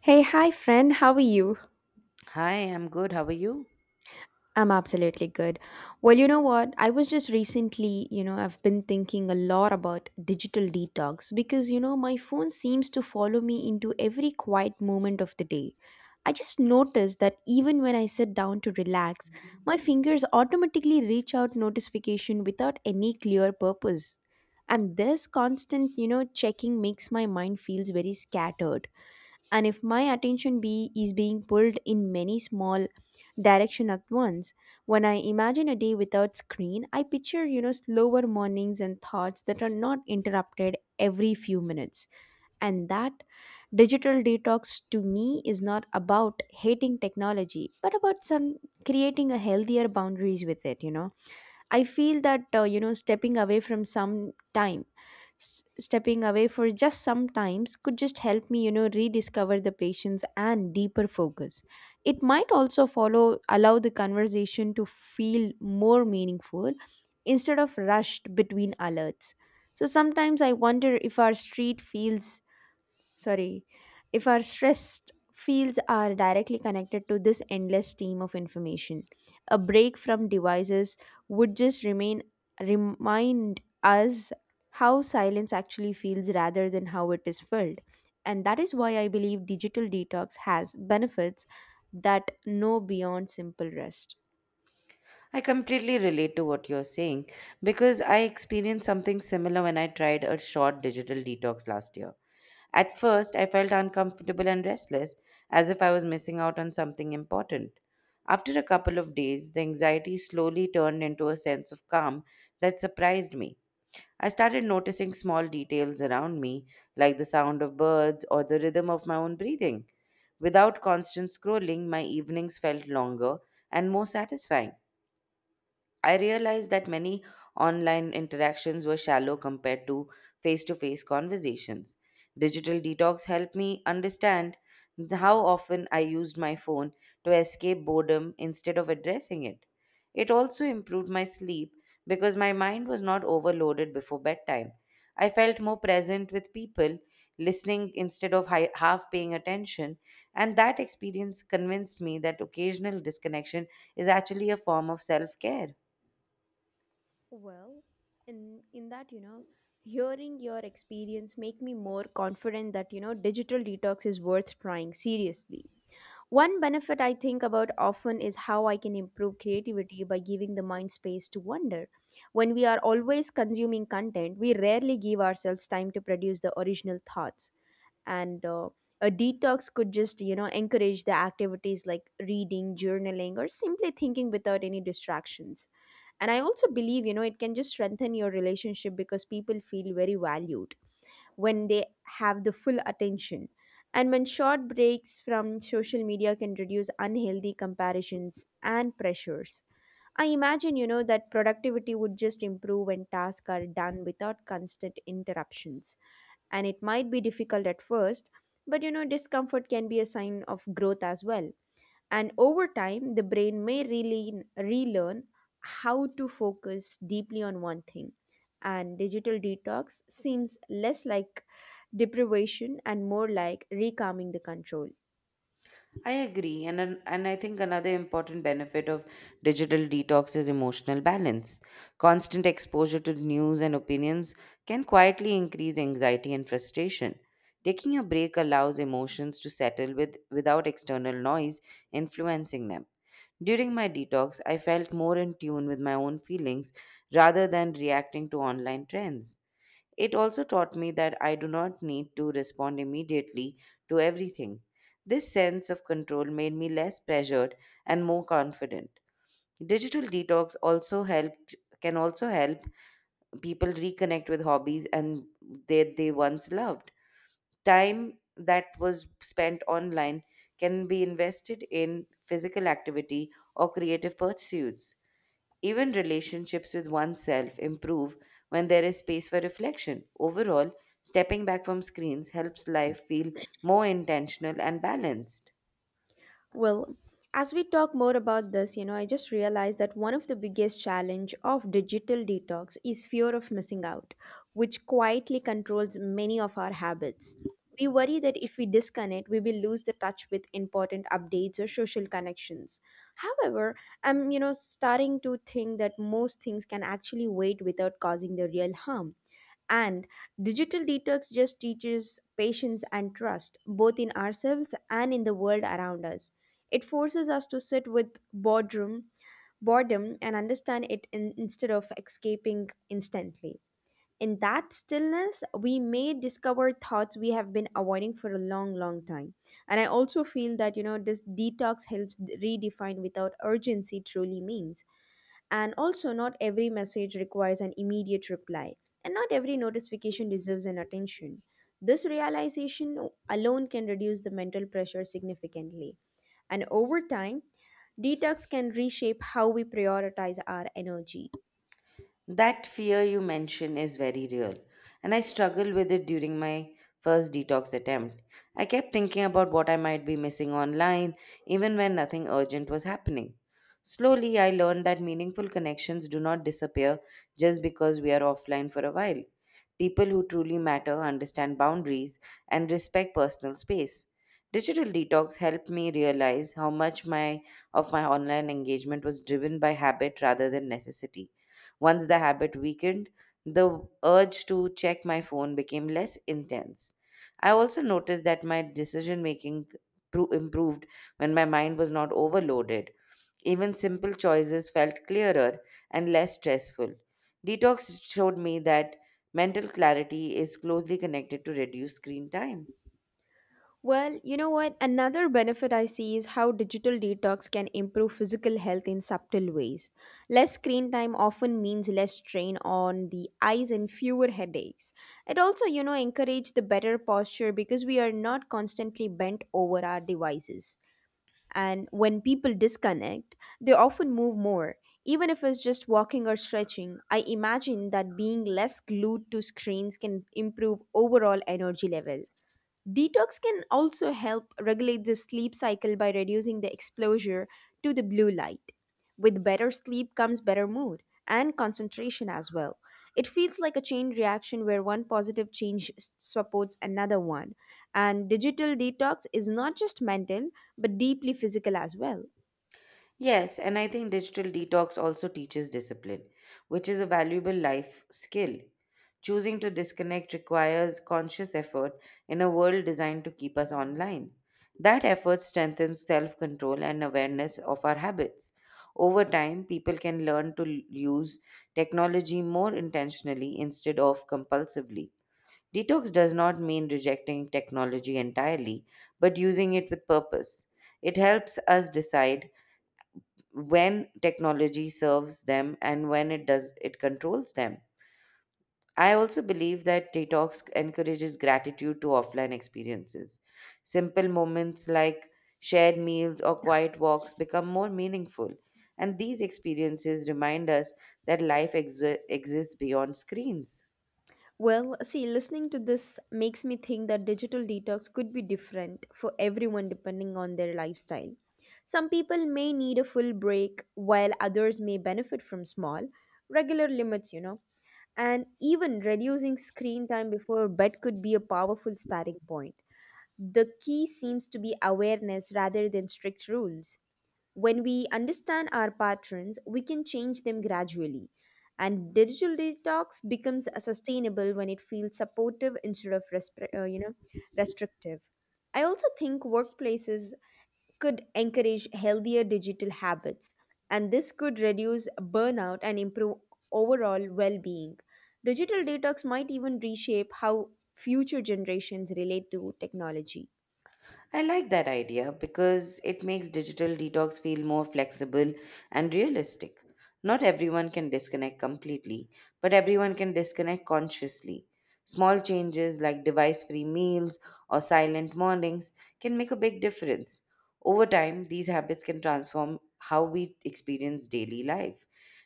Hey, hi, friend. How are you? Hi, I'm good. How are you? I'm absolutely good. Well, you know what? I was just recently, I've been thinking a lot about digital detox because, my phone seems to follow me into every quiet moment of the day. I just noticed that even when I sit down to relax, my fingers automatically reach out notification without any clear purpose. And this constant, checking makes my mind feels very scattered and if my attention be is being pulled in many small direction at once. When I imagine a day without screen, I picture, slower mornings and thoughts that are not interrupted every few minutes. And that digital detox to me is not about hating technology but about some creating a healthier boundaries with it. I feel that stepping away from some time, stepping away for just some times could just help me, rediscover the patience and deeper focus. It might also follow allow the conversation to feel more meaningful instead of rushed between alerts. So sometimes I wonder if our sorry, if our stressed fields are directly connected to this endless stream of information. A break from devices would just remain remind us how silence actually feels rather than how it is filled. And that is why I believe digital detox has benefits that know beyond simple rest. I completely relate to what you're saying because I experienced something similar when I tried a short digital detox last year. At first, I felt uncomfortable and restless, as if I was missing out on something important. After a couple of days, the anxiety slowly turned into a sense of calm that surprised me. I started noticing small details around me, like the sound of birds or the rhythm of my own breathing. Without constant scrolling, my evenings felt longer and more satisfying. I realized that many online interactions were shallow compared to face conversations. Digital detox helped me understand how often I used my phone to escape boredom instead of addressing it. It also improved my sleep because my mind was not overloaded before bedtime. I felt more present with people, listening instead of half paying attention, and that experience convinced me that occasional disconnection is actually a form of self care. Well, in that, hearing your experience make me more confident that, digital detox is worth trying seriously. One benefit I think about often is how I can improve creativity by giving the mind space to wonder. When we are always consuming content, we rarely give ourselves time to produce the original thoughts. And a detox could just, encourage the activities like reading, journaling, or simply thinking without any distractions. And I also believe, it can just strengthen your relationship because people feel very valued when they have the full attention. And when short breaks from social media can reduce unhealthy comparisons and pressures. I imagine, that productivity would just improve when tasks are done without constant interruptions. And it might be difficult at first, but you know, discomfort can be a sign of growth as well. And over time, the brain may relearn how to focus deeply on one thing. And digital detox seems less like deprivation and more like recalming the control. I agree, and I think another important benefit of digital detox is emotional balance. Constant exposure to news and opinions can quietly increase anxiety and frustration. Taking a break allows emotions to settle with without external noise influencing them. During my detox, I felt more in tune with my own feelings rather than reacting to online trends. It also taught me that I do not need to respond immediately to everything. This sense of control made me less pressured and more confident. Digital detox also helped can also help people reconnect with hobbies and that they once loved. Time that was spent online can be invested in physical activity or creative pursuits. Even relationships with oneself improve when there is space for reflection. Overall, stepping back from screens helps life feel more intentional and balanced. Well, as we talk more about this, I just realized that one of the biggest challenge of digital detox is fear of missing out, which quietly controls many of our habits. We worry that if we disconnect, we will lose the touch with important updates or social connections. However, I'm, starting to think that most things can actually wait without causing the real harm. And digital detox just teaches patience and trust, both in ourselves and in the world around us. It forces us to sit with boredom and understand instead of escaping instantly. In that stillness, we may discover thoughts we have been avoiding for a long, long time. And I also feel that, this detox helps redefine without urgency truly means. And also, not every message requires an immediate reply, and not every notification deserves an attention. This realization alone can reduce the mental pressure significantly. And over time, detox can reshape how we prioritize our energy. That fear you mention is very real, and I struggled with it during my first detox attempt. I kept thinking about what I might be missing online, even when nothing urgent was happening. Slowly, I learned that meaningful connections do not disappear just because we are offline for a while. People who truly matter understand boundaries and respect personal space. Digital detox helped me realize how much my of my online engagement was driven by habit rather than necessity. Once the habit weakened, the urge to check my phone became less intense. I also noticed that my decision making improved when my mind was not overloaded. Even simple choices felt clearer and less stressful. Detox showed me that mental clarity is closely connected to reduced screen time. Well, you know what? Another benefit I see is how digital detox can improve physical health in subtle ways. Less screen time often means less strain on the eyes and fewer headaches. It also, encourage the better posture because we are not constantly bent over our devices. And when people disconnect, they often move more. Even if it's just walking or stretching, I imagine that being less glued to screens can improve overall energy level. Detox can also help regulate the sleep cycle by reducing the exposure to the blue light. With better sleep comes better mood and concentration as well. It feels like a chain reaction where one positive change supports another one. And digital detox is not just mental but deeply physical as well. Yes, and I think digital detox also teaches discipline, which is a valuable life skill. Choosing to disconnect requires conscious effort in a world designed to keep us online. That effort strengthens self control and awareness of our habits. Over time, people can learn to use technology more intentionally instead of compulsively. Detox does not mean rejecting technology entirely, but using it with purpose. It helps us decide when technology serves them and when it does it controls them. I also believe that detox encourages gratitude to offline experiences. Simple moments like shared meals or quiet walks become more meaningful, and these experiences remind us that life exists beyond screens. Well, see, listening to this makes me think that digital detox could be different for everyone depending on their lifestyle. Some people may need a full break, while others may benefit from small, regular limits, you know. And even reducing screen time before bed could be a powerful starting point. The key seems to be awareness rather than strict rules. When we understand our patterns, we can change them gradually. And digital detox becomes sustainable when it feels supportive instead of restrictive. I also think workplaces could encourage healthier digital habits, and this could reduce burnout and improve overall well-being. Digital detox might even reshape how future generations relate to technology. I like that idea because it makes digital detox feel more flexible and realistic. Not everyone can disconnect completely, but everyone can disconnect consciously. Small changes like device free meals or silent mornings can make a big difference. Over time, these habits can transform how we experience daily life.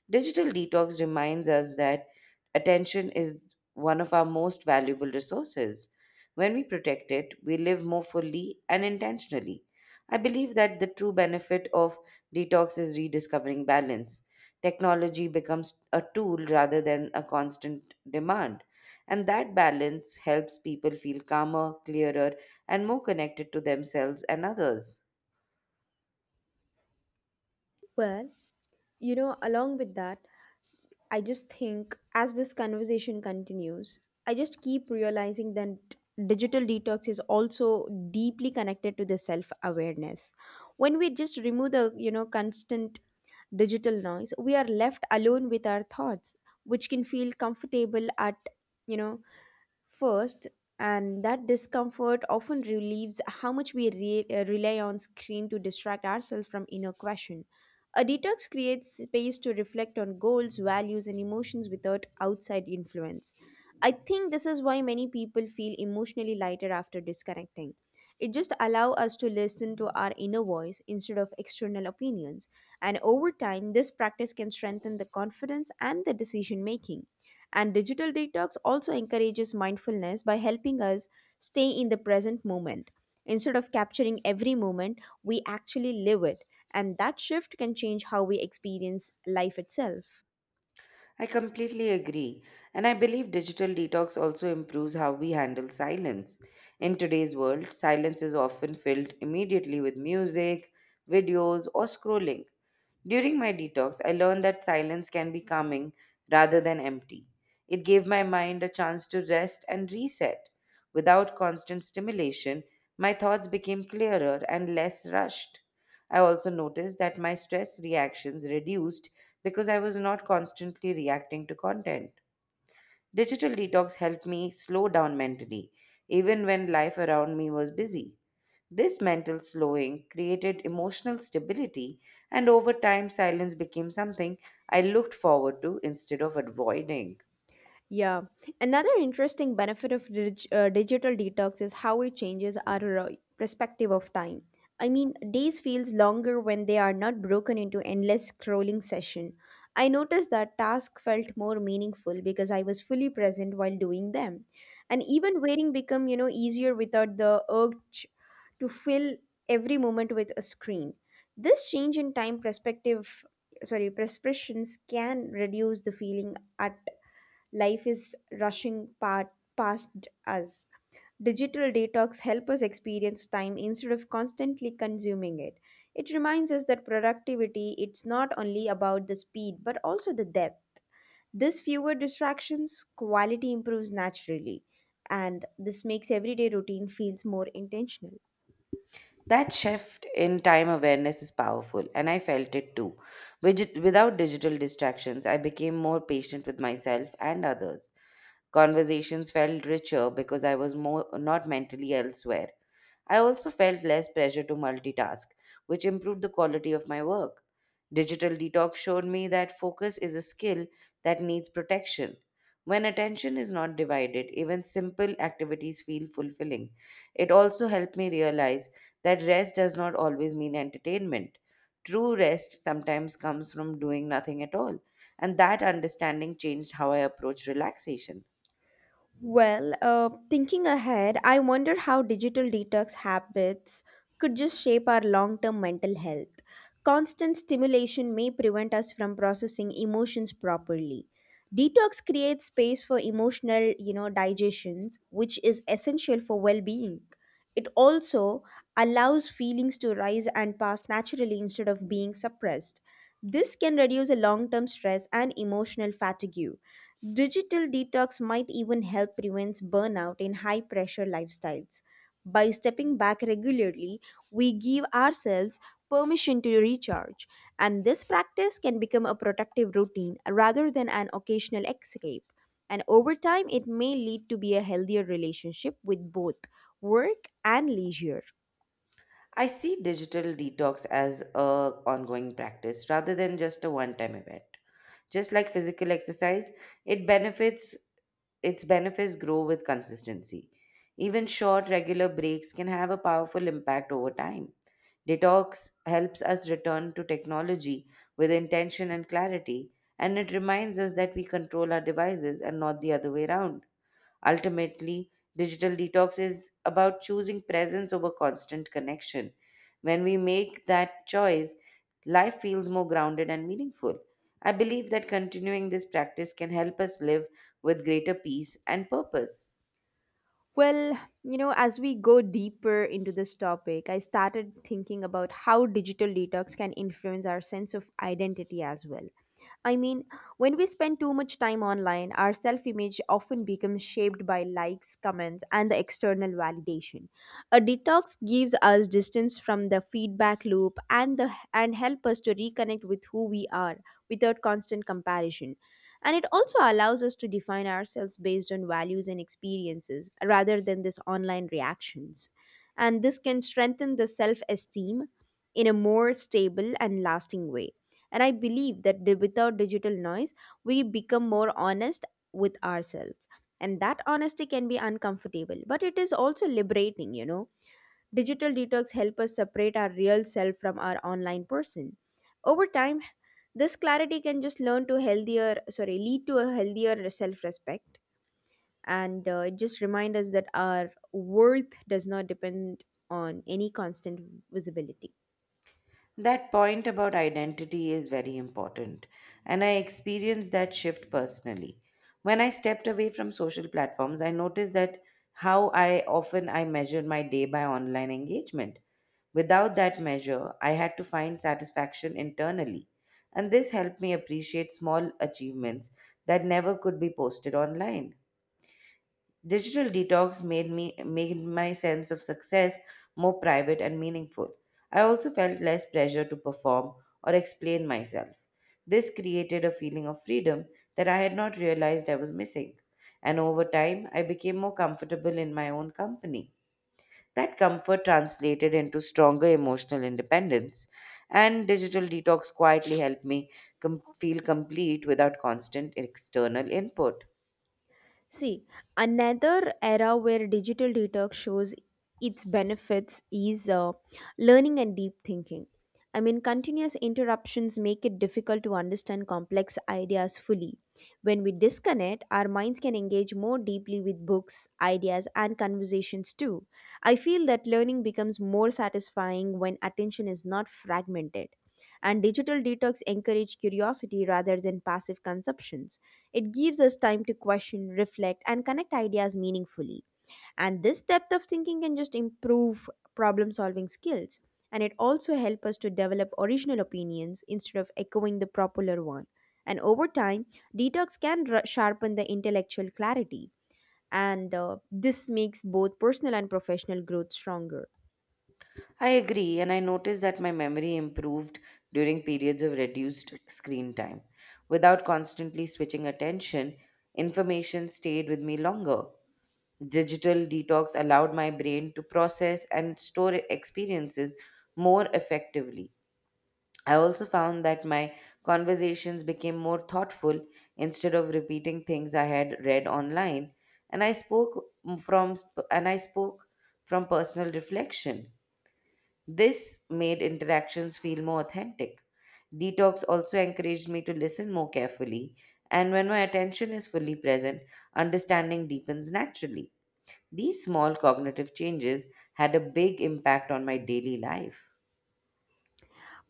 Digital detox reminds us that attention is one of our most valuable resources. When we protect it, we live more fully and intentionally. I believe that the true benefit of detox is rediscovering balance. Technology becomes a tool rather than a constant demand. And that balance helps people feel calmer, clearer, and more connected to themselves and others. Well, along with that, I just think as this conversation continues, I just keep realizing that digital detox is also deeply connected to the self awareness. When we just remove the, constant digital noise, we are left alone with our thoughts, which can feel comfortable at, you know, first, and that discomfort often relieves how much we rely on screen to distract ourselves from inner question. A detox creates space to reflect on goals, values, and emotions without outside influence. I think this is why many people feel emotionally lighter after disconnecting. It just allows us to listen to our inner voice instead of external opinions, and over time, this practice can strengthen the confidence and the decision making. And digital detox also encourages mindfulness by helping us stay in the present moment. Instead of capturing every moment, we actually live it. And that shift can change how we experience life itself. I completely agree. And I believe digital detox also improves how we handle silence. In today's world, silence is often filled immediately with music, videos, or scrolling. During my detox, I learned that silence can be calming rather than empty. It gave my mind a chance to rest and reset. Without constant stimulation, my thoughts became clearer and less rushed. I also noticed that my stress reactions reduced because I was not constantly reacting to content. Digital detox helped me slow down mentally, even when life around me was busy. This mental slowing created emotional stability, and over time, silence became something I looked forward to instead of avoiding. Yeah. Another interesting benefit of digital detox is how it changes our perspective of time. I mean, days feels longer when they are not broken into endless scrolling session. I noticed that task felt more meaningful because I was fully present while doing them. And even waiting become, easier without the urge to fill every moment with a screen. This change in time prescriptions can reduce the feeling at life is rushing past us. Digital detox help us experience time instead of constantly consuming it. It reminds us that productivity it's not only about the speed but also the depth. This fewer distractions, quality improves naturally and this makes everyday routine feels more intentional. That shift in time awareness is powerful, and I felt it too. Without digital distractions, I became more patient with myself and others. Conversations felt richer because I was more not mentally elsewhere. I also felt less pressure to multitask, which improved the quality of my work. Digital detox showed me that focus is a skill that needs protection. When attention is not divided, even simple activities feel fulfilling. It also helped me realize that rest does not always mean entertainment. True rest sometimes comes from doing nothing at all, and that understanding changed how I approach relaxation. Well, thinking ahead, I wonder how digital detox habits could just shape our long term mental health. Constant stimulation may prevent us from processing emotions properly. Detox creates space for emotional, digestions, which is essential for well being. It also allows feelings to rise and pass naturally instead of being suppressed. This can reduce a long term stress and emotional fatigue. Digital detox might even help prevent burnout in high pressure lifestyles. By stepping back regularly, we give ourselves permission to recharge, and this practice can become a productive routine rather than an occasional escape. And over time, it may lead to be a healthier relationship with both work and leisure. I see digital detox as a ongoing practice rather than just a one-time event. Just like physical exercise, it benefits its benefits grow with consistency. Even short regular breaks can have a powerful impact over time. Detox helps us return to technology with intention and clarity, and it reminds us that we control our devices and not the other way around. Ultimately, digital detox is about choosing presence over constant connection. When we make that choice, life feels more grounded and meaningful. I believe that continuing this practice can help us live with greater peace and purpose. Well, as we go deeper into this topic, I started thinking about how digital detox can influence our sense of identity as well. I mean, when we spend too much time online, our self image often becomes shaped by likes, comments, and the external validation. A detox gives us distance from the feedback loop and help us to reconnect with who we are without constant comparison. And it also allows us to define ourselves based on values and experiences rather than this online reactions. And this can strengthen the self esteem in a more stable and lasting way. And I believe that without digital noise, we become more honest with ourselves. And that honesty can be uncomfortable, but it is also liberating, you know. Digital detox help us separate our real self from our online person. Over time, this clarity can just learn to healthier, sorry, lead to a healthier self respect. And it just remind us that our worth does not depend on any constant visibility. That point about identity is very important, and I experienced that shift personally. When I stepped away from social platforms, I noticed that how I often I measured my day by online engagement. Without that measure, I had to find satisfaction internally, and this helped me appreciate small achievements that never could be posted online. Digital detox made my sense of success more private and meaningful. I also felt less pressure to perform or explain myself. This created a feeling of freedom that I had not realized I was missing. And over time, I became more comfortable in my own company. That comfort translated into stronger emotional independence, and digital detox quietly helped me feel complete without constant external input. See, another era where digital detox shows its benefits is learning and deep thinking. I mean, continuous interruptions make it difficult to understand complex ideas fully. When we disconnect, our minds can engage more deeply with books, ideas, and conversations too. I feel that learning becomes more satisfying when attention is not fragmented. And digital detox encourage curiosity rather than passive consumption. It gives us time to question, reflect, and connect ideas meaningfully. And this depth of thinking can just improve problem solving skills. And it also helps us to develop original opinions instead of echoing the popular one. And over time, detox can sharpen the intellectual clarity. And This makes both personal and professional growth stronger. I agree, and I noticed that my memory improved during periods of reduced screen time. Without constantly switching attention, information stayed with me longer. Digital detox allowed my brain to process and store experiences more effectively. I also found that my conversations became more thoughtful instead of repeating things I had read online, and from I spoke from personal reflection. This made interactions feel more authentic. Detox also encouraged me to listen more carefully, and when my attention is fully present, understanding deepens naturally. These small cognitive changes had a big impact on my daily life.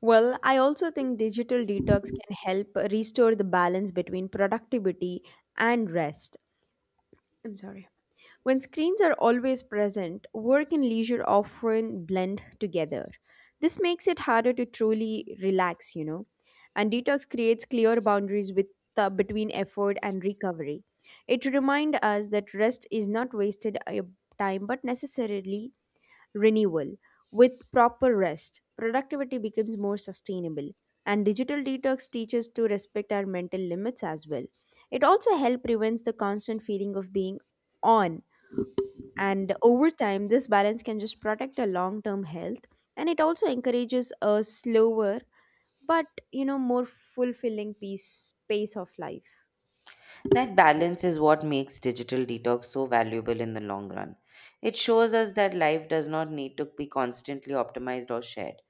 Well, I also think digital detox can help restore the balance between productivity and rest. I'm sorry. When screens are always present, work and leisure often blend together. This makes it harder to truly relax. And detox creates clear boundaries with between effort and recovery. It reminds us that rest is not wasted time but necessarily renewal. With proper rest, productivity becomes more sustainable. And digital detox teaches to respect our mental limits as well. It also helps prevents the constant feeling of being on. And over time, this balance can just protect our long term health, and it also encourages a slower but more fulfilling piece pace of life. That balance is what makes digital detox so valuable in the long run. It shows us that life does not need to be constantly optimized or shared.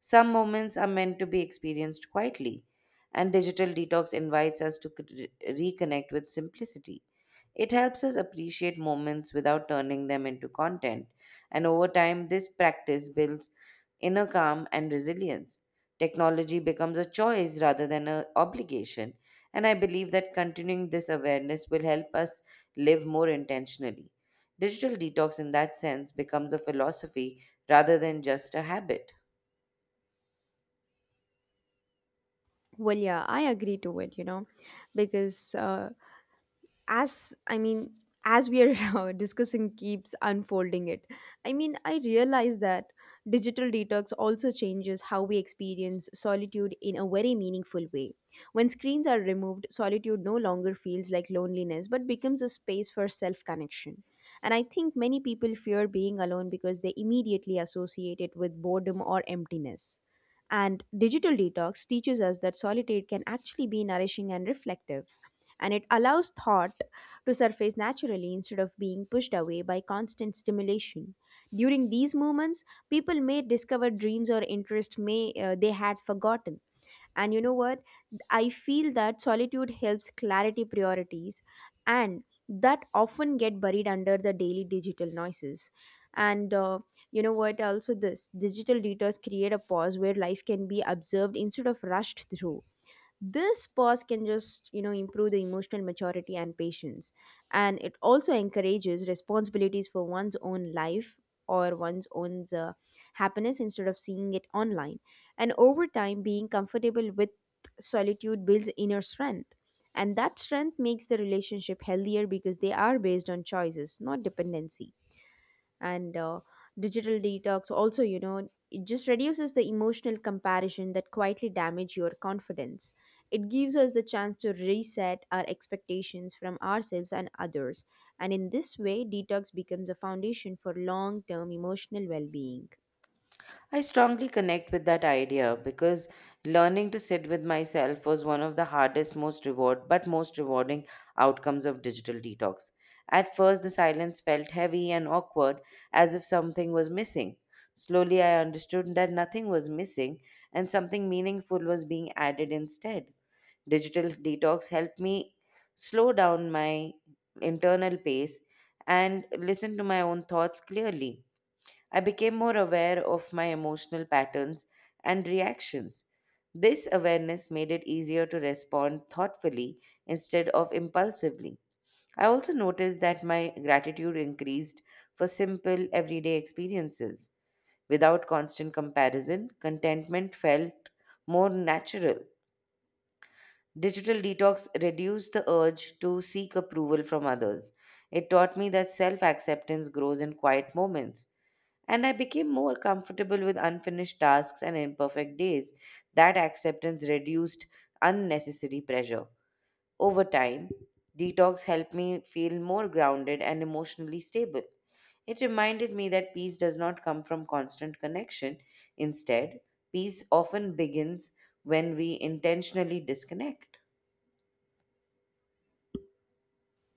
Some moments are meant to be experienced quietly, and digital detox invites us to reconnect with simplicity. It helps us appreciate moments without turning them into content, and over time, this practice builds inner calm and resilience. Technology becomes a choice rather than an obligation, and I believe that continuing this awareness will help us live more intentionally. Digital detox, in that sense, becomes a philosophy rather than just a habit. Well, yeah, I agree to it, because as I mean as we are discussing keeps unfolding it. I realize that digital detox also changes how we experience solitude in a very meaningful way. When screens are removed, solitude no longer feels like loneliness but becomes a space for self connection. And I think many people fear being alone because they immediately associate it with boredom or emptiness, and digital detox teaches us that solitude can actually be nourishing and reflective, and it allows thought to surface naturally instead of being pushed away by constant stimulation. During these moments, people may discover dreams or interest may they had forgotten. And you know what? I feel that solitude helps clarity priorities and that often get buried under the daily digital noises. And You know what? Also, this digital detours create a pause where life can be observed instead of rushed through. This pause can just improve the emotional maturity and patience, and it also encourages responsibilities for one's own life or one's own happiness instead of seeing it online. And over time, being comfortable with solitude builds inner strength, and that strength makes the relationship healthier because they are based on choices not dependency. And Digital detox also it just reduces the emotional comparison that quietly damage your confidence. It gives us the chance to reset our expectations from ourselves and others, and in this way detox becomes a foundation for long term emotional well being. I strongly connect with that idea because learning to sit with myself was one of the hardest most reward but most rewarding outcomes of digital detox. At first the silence felt heavy and awkward as if something was missing. Slowly I understood that nothing was missing and something meaningful was being added instead. Digital detox helped me slow down my internal pace and listen to my own thoughts clearly. I became more aware of my emotional patterns and reactions. This awareness made it easier to respond thoughtfully instead of impulsively. I also noticed that my gratitude increased for simple everyday experiences. Without constant comparison, contentment felt more natural. Digital detox reduced the urge to seek approval from others. It taught me that self acceptance grows in quiet moments and I became more comfortable with unfinished tasks and imperfect days. That acceptance reduced unnecessary pressure. Over time, detox helped me feel more grounded and emotionally stable. It reminded me that peace does not come from constant connection. Instead, peace often begins when we intentionally disconnect.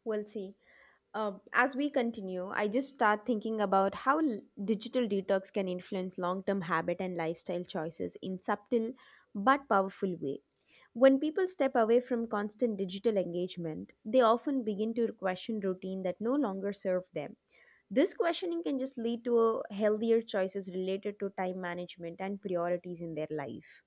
We'll see. As we continue, I just start thinking about how digital detox can influence long-term habit and lifestyle choices in subtle but powerful way. When people step away from constant digital engagement, they often begin to question routine that no longer serve them. This questioning can just lead to healthier choices related to time management and priorities in their life.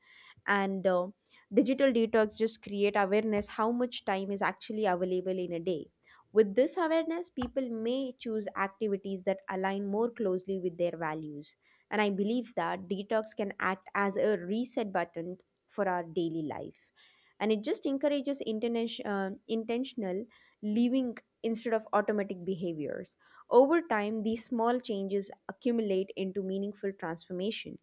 And Digital detox just create awareness how much time is actually available in a day. With this awareness, people may choose activities that align more closely with their values. And I believe that detox can act as a reset button for our daily life. And it just encourages intentional living instead of automatic behaviors. Over time, these small changes accumulate into meaningful transformation.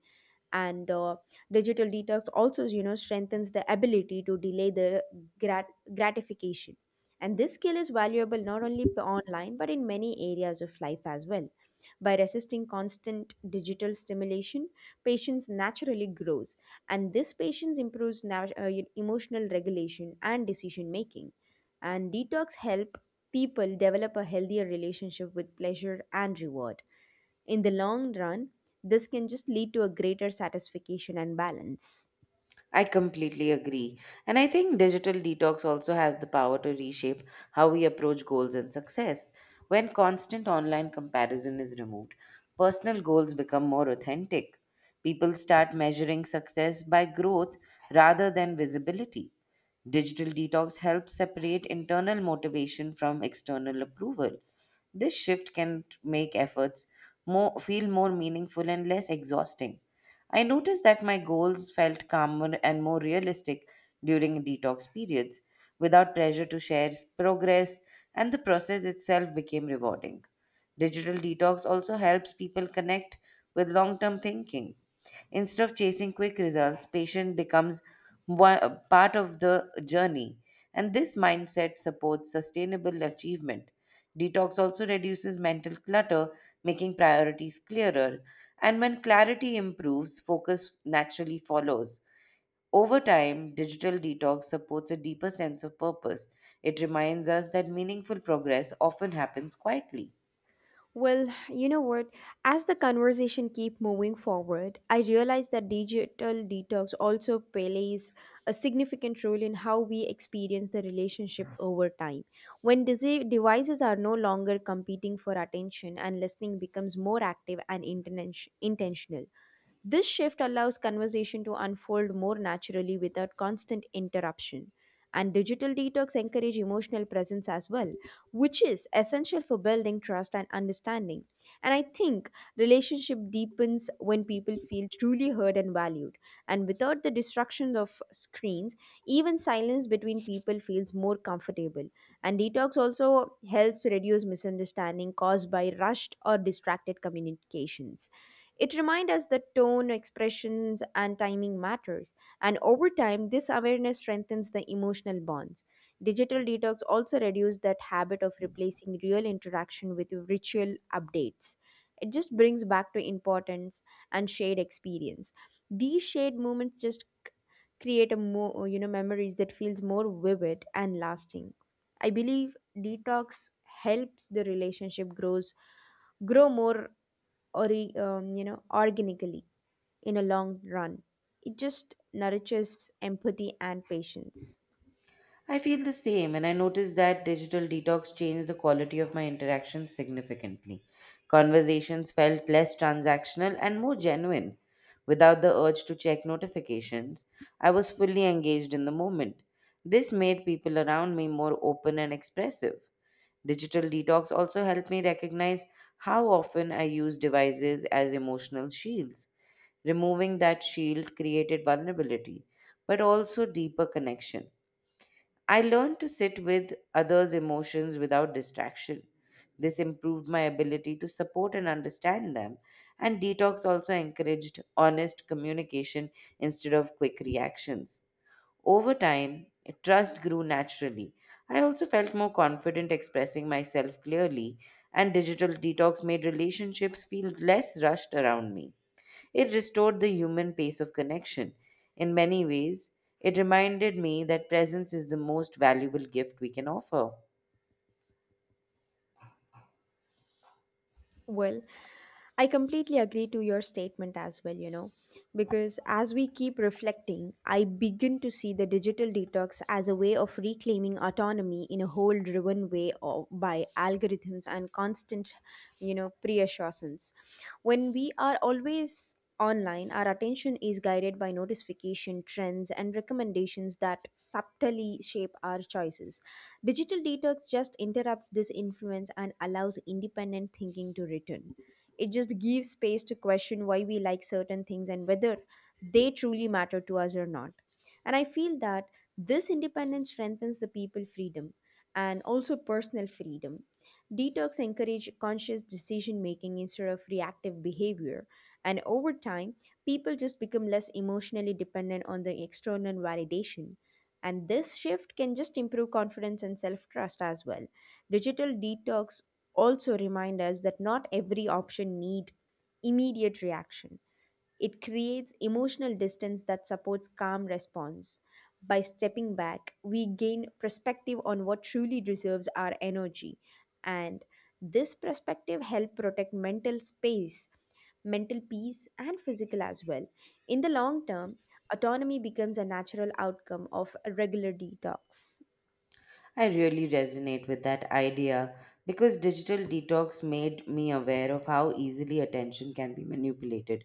And Digital detox also strengthens the ability to delay the gratification, and this skill is valuable not only online but in many areas of life as well. By resisting constant digital stimulation, patience naturally grows, and this patience improves emotional regulation and decision making. And detox help people develop a healthier relationship with pleasure and reward. In the long run, this can just lead to a greater satisfaction and balance. I completely agree. And I think digital detox also has the power to reshape how we approach goals and success. When constant online comparison is removed, personal goals become more authentic. People start measuring success by growth rather than visibility. Digital detox helps separate internal motivation from external approval. This shift can make efforts feel more meaningful and less exhausting. I noticed that my goals felt calmer and more realistic during detox periods, without pressure to share progress, and the process itself became rewarding. Digital detox also helps people connect with long term thinking. Instead of chasing quick results, patience becomes part of the journey, and this mindset supports sustainable achievement. Detox also reduces mental clutter, making priorities clearer, and when clarity improves, focus naturally follows. Over time, digital detox supports a deeper sense of purpose. It reminds us that meaningful progress often happens quietly. Well, you know what? As the conversation keep moving forward, I realize that digital detox also plays a significant role in how we experience the relationship over time. When devices are no longer competing for attention and listening becomes more active and intentional, this shift allows conversation to unfold more naturally without constant interruption. And digital detox encourage emotional presence as well, which is essential for building trust and understanding. And I think relationship deepens when people feel truly heard and valued. And without the distraction of screens, even silence between people feels more comfortable. And detox also helps reduce misunderstanding caused by rushed or distracted communications. It reminds us that tone, expressions, and timing matters, and over time, this awareness strengthens the emotional bonds. Digital detox also reduces that habit of replacing real interaction with ritual updates. It just brings back to importance and shared experience. These shared moments just create a more memories that feels more vivid and lasting. I believe detox helps the relationship grow more or organically in a long run. It just nourishes empathy and patience. I feel the same, and I noticed that digital detox changed the quality of my interactions significantly. Conversations felt less transactional and more genuine. Without the urge to check notifications, I was fully engaged in the moment. This made people around me more open and expressive. Digital detox also helped me recognize how often I use devices as emotional shields. Removing that shield created vulnerability, but also deeper connection. I learned to sit with others' emotions without distraction. This improved my ability to support and understand them, and detox also encouraged honest communication instead of quick reactions. Over time, trust grew naturally. I also felt more confident expressing myself clearly, and digital detox made relationships feel less rushed around me. It restored the human pace of connection. In many ways, it reminded me that presence is the most valuable gift we can offer. Well, I completely agree to your statement as well, because as we keep reflecting, I begin to see the digital detox as a way of reclaiming autonomy in a whole driven way of, by algorithms and constant, reassurance. When we are always online, our attention is guided by notification trends and recommendations that subtly shape our choices. Digital detox just interrupt this influence and allows independent thinking to return. It just gives space to question why we like certain things and whether they truly matter to us or not. And I feel that this independence strengthens the people freedom and also personal freedom. Detox encourage conscious decision making instead of reactive behavior. And over time, people just become less emotionally dependent on the external validation. And this shift can just improve confidence and self trust as well. Digital detox also remind us that not every option need immediate reaction. It creates emotional distance that supports calm response. By stepping back, we gain perspective on what truly deserves our energy. And this perspective helps protect mental space, mental peace, and physical as well. In the long term, autonomy becomes a natural outcome of regular detox. I really resonate with that idea because digital detox made me aware of how easily attention can be manipulated.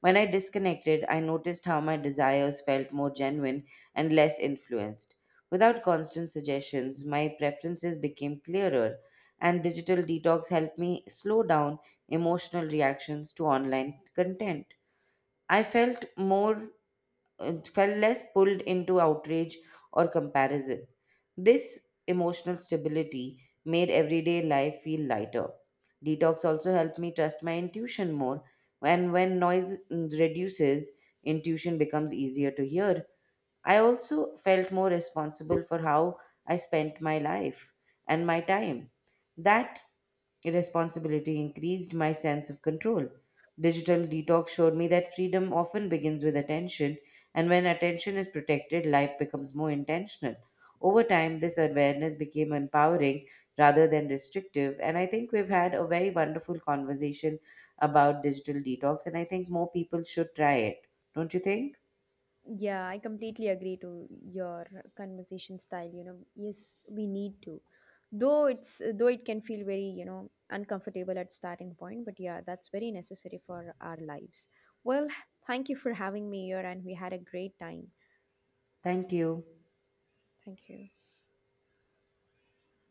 When I disconnected, I noticed how my desires felt more genuine and less influenced. Without constant suggestions, my preferences became clearer, and digital detox helped me slow down emotional reactions to online content. I felt more felt less pulled into outrage or comparison. This emotional stability made everyday life feel lighter. Detox also helped me trust my intuition more, and when noise reduces, intuition becomes easier to hear. I also felt more responsible for how I spent my life and my time. That responsibility increased my sense of control. Digital detox showed me that freedom often begins with attention, and when attention is protected, life becomes more intentional. Over time, this awareness became empowering rather than restrictive, and I think we've had a very wonderful conversation about digital detox, and I think more people should try it. Don't you think? Yeah, I completely agree to your conversation style, you know. Yes, we need to. Though it's though it can feel very, uncomfortable at starting point, but yeah, that's very necessary for our lives. Well, thank you for having me here and we had a great time. Thank you. Thank you.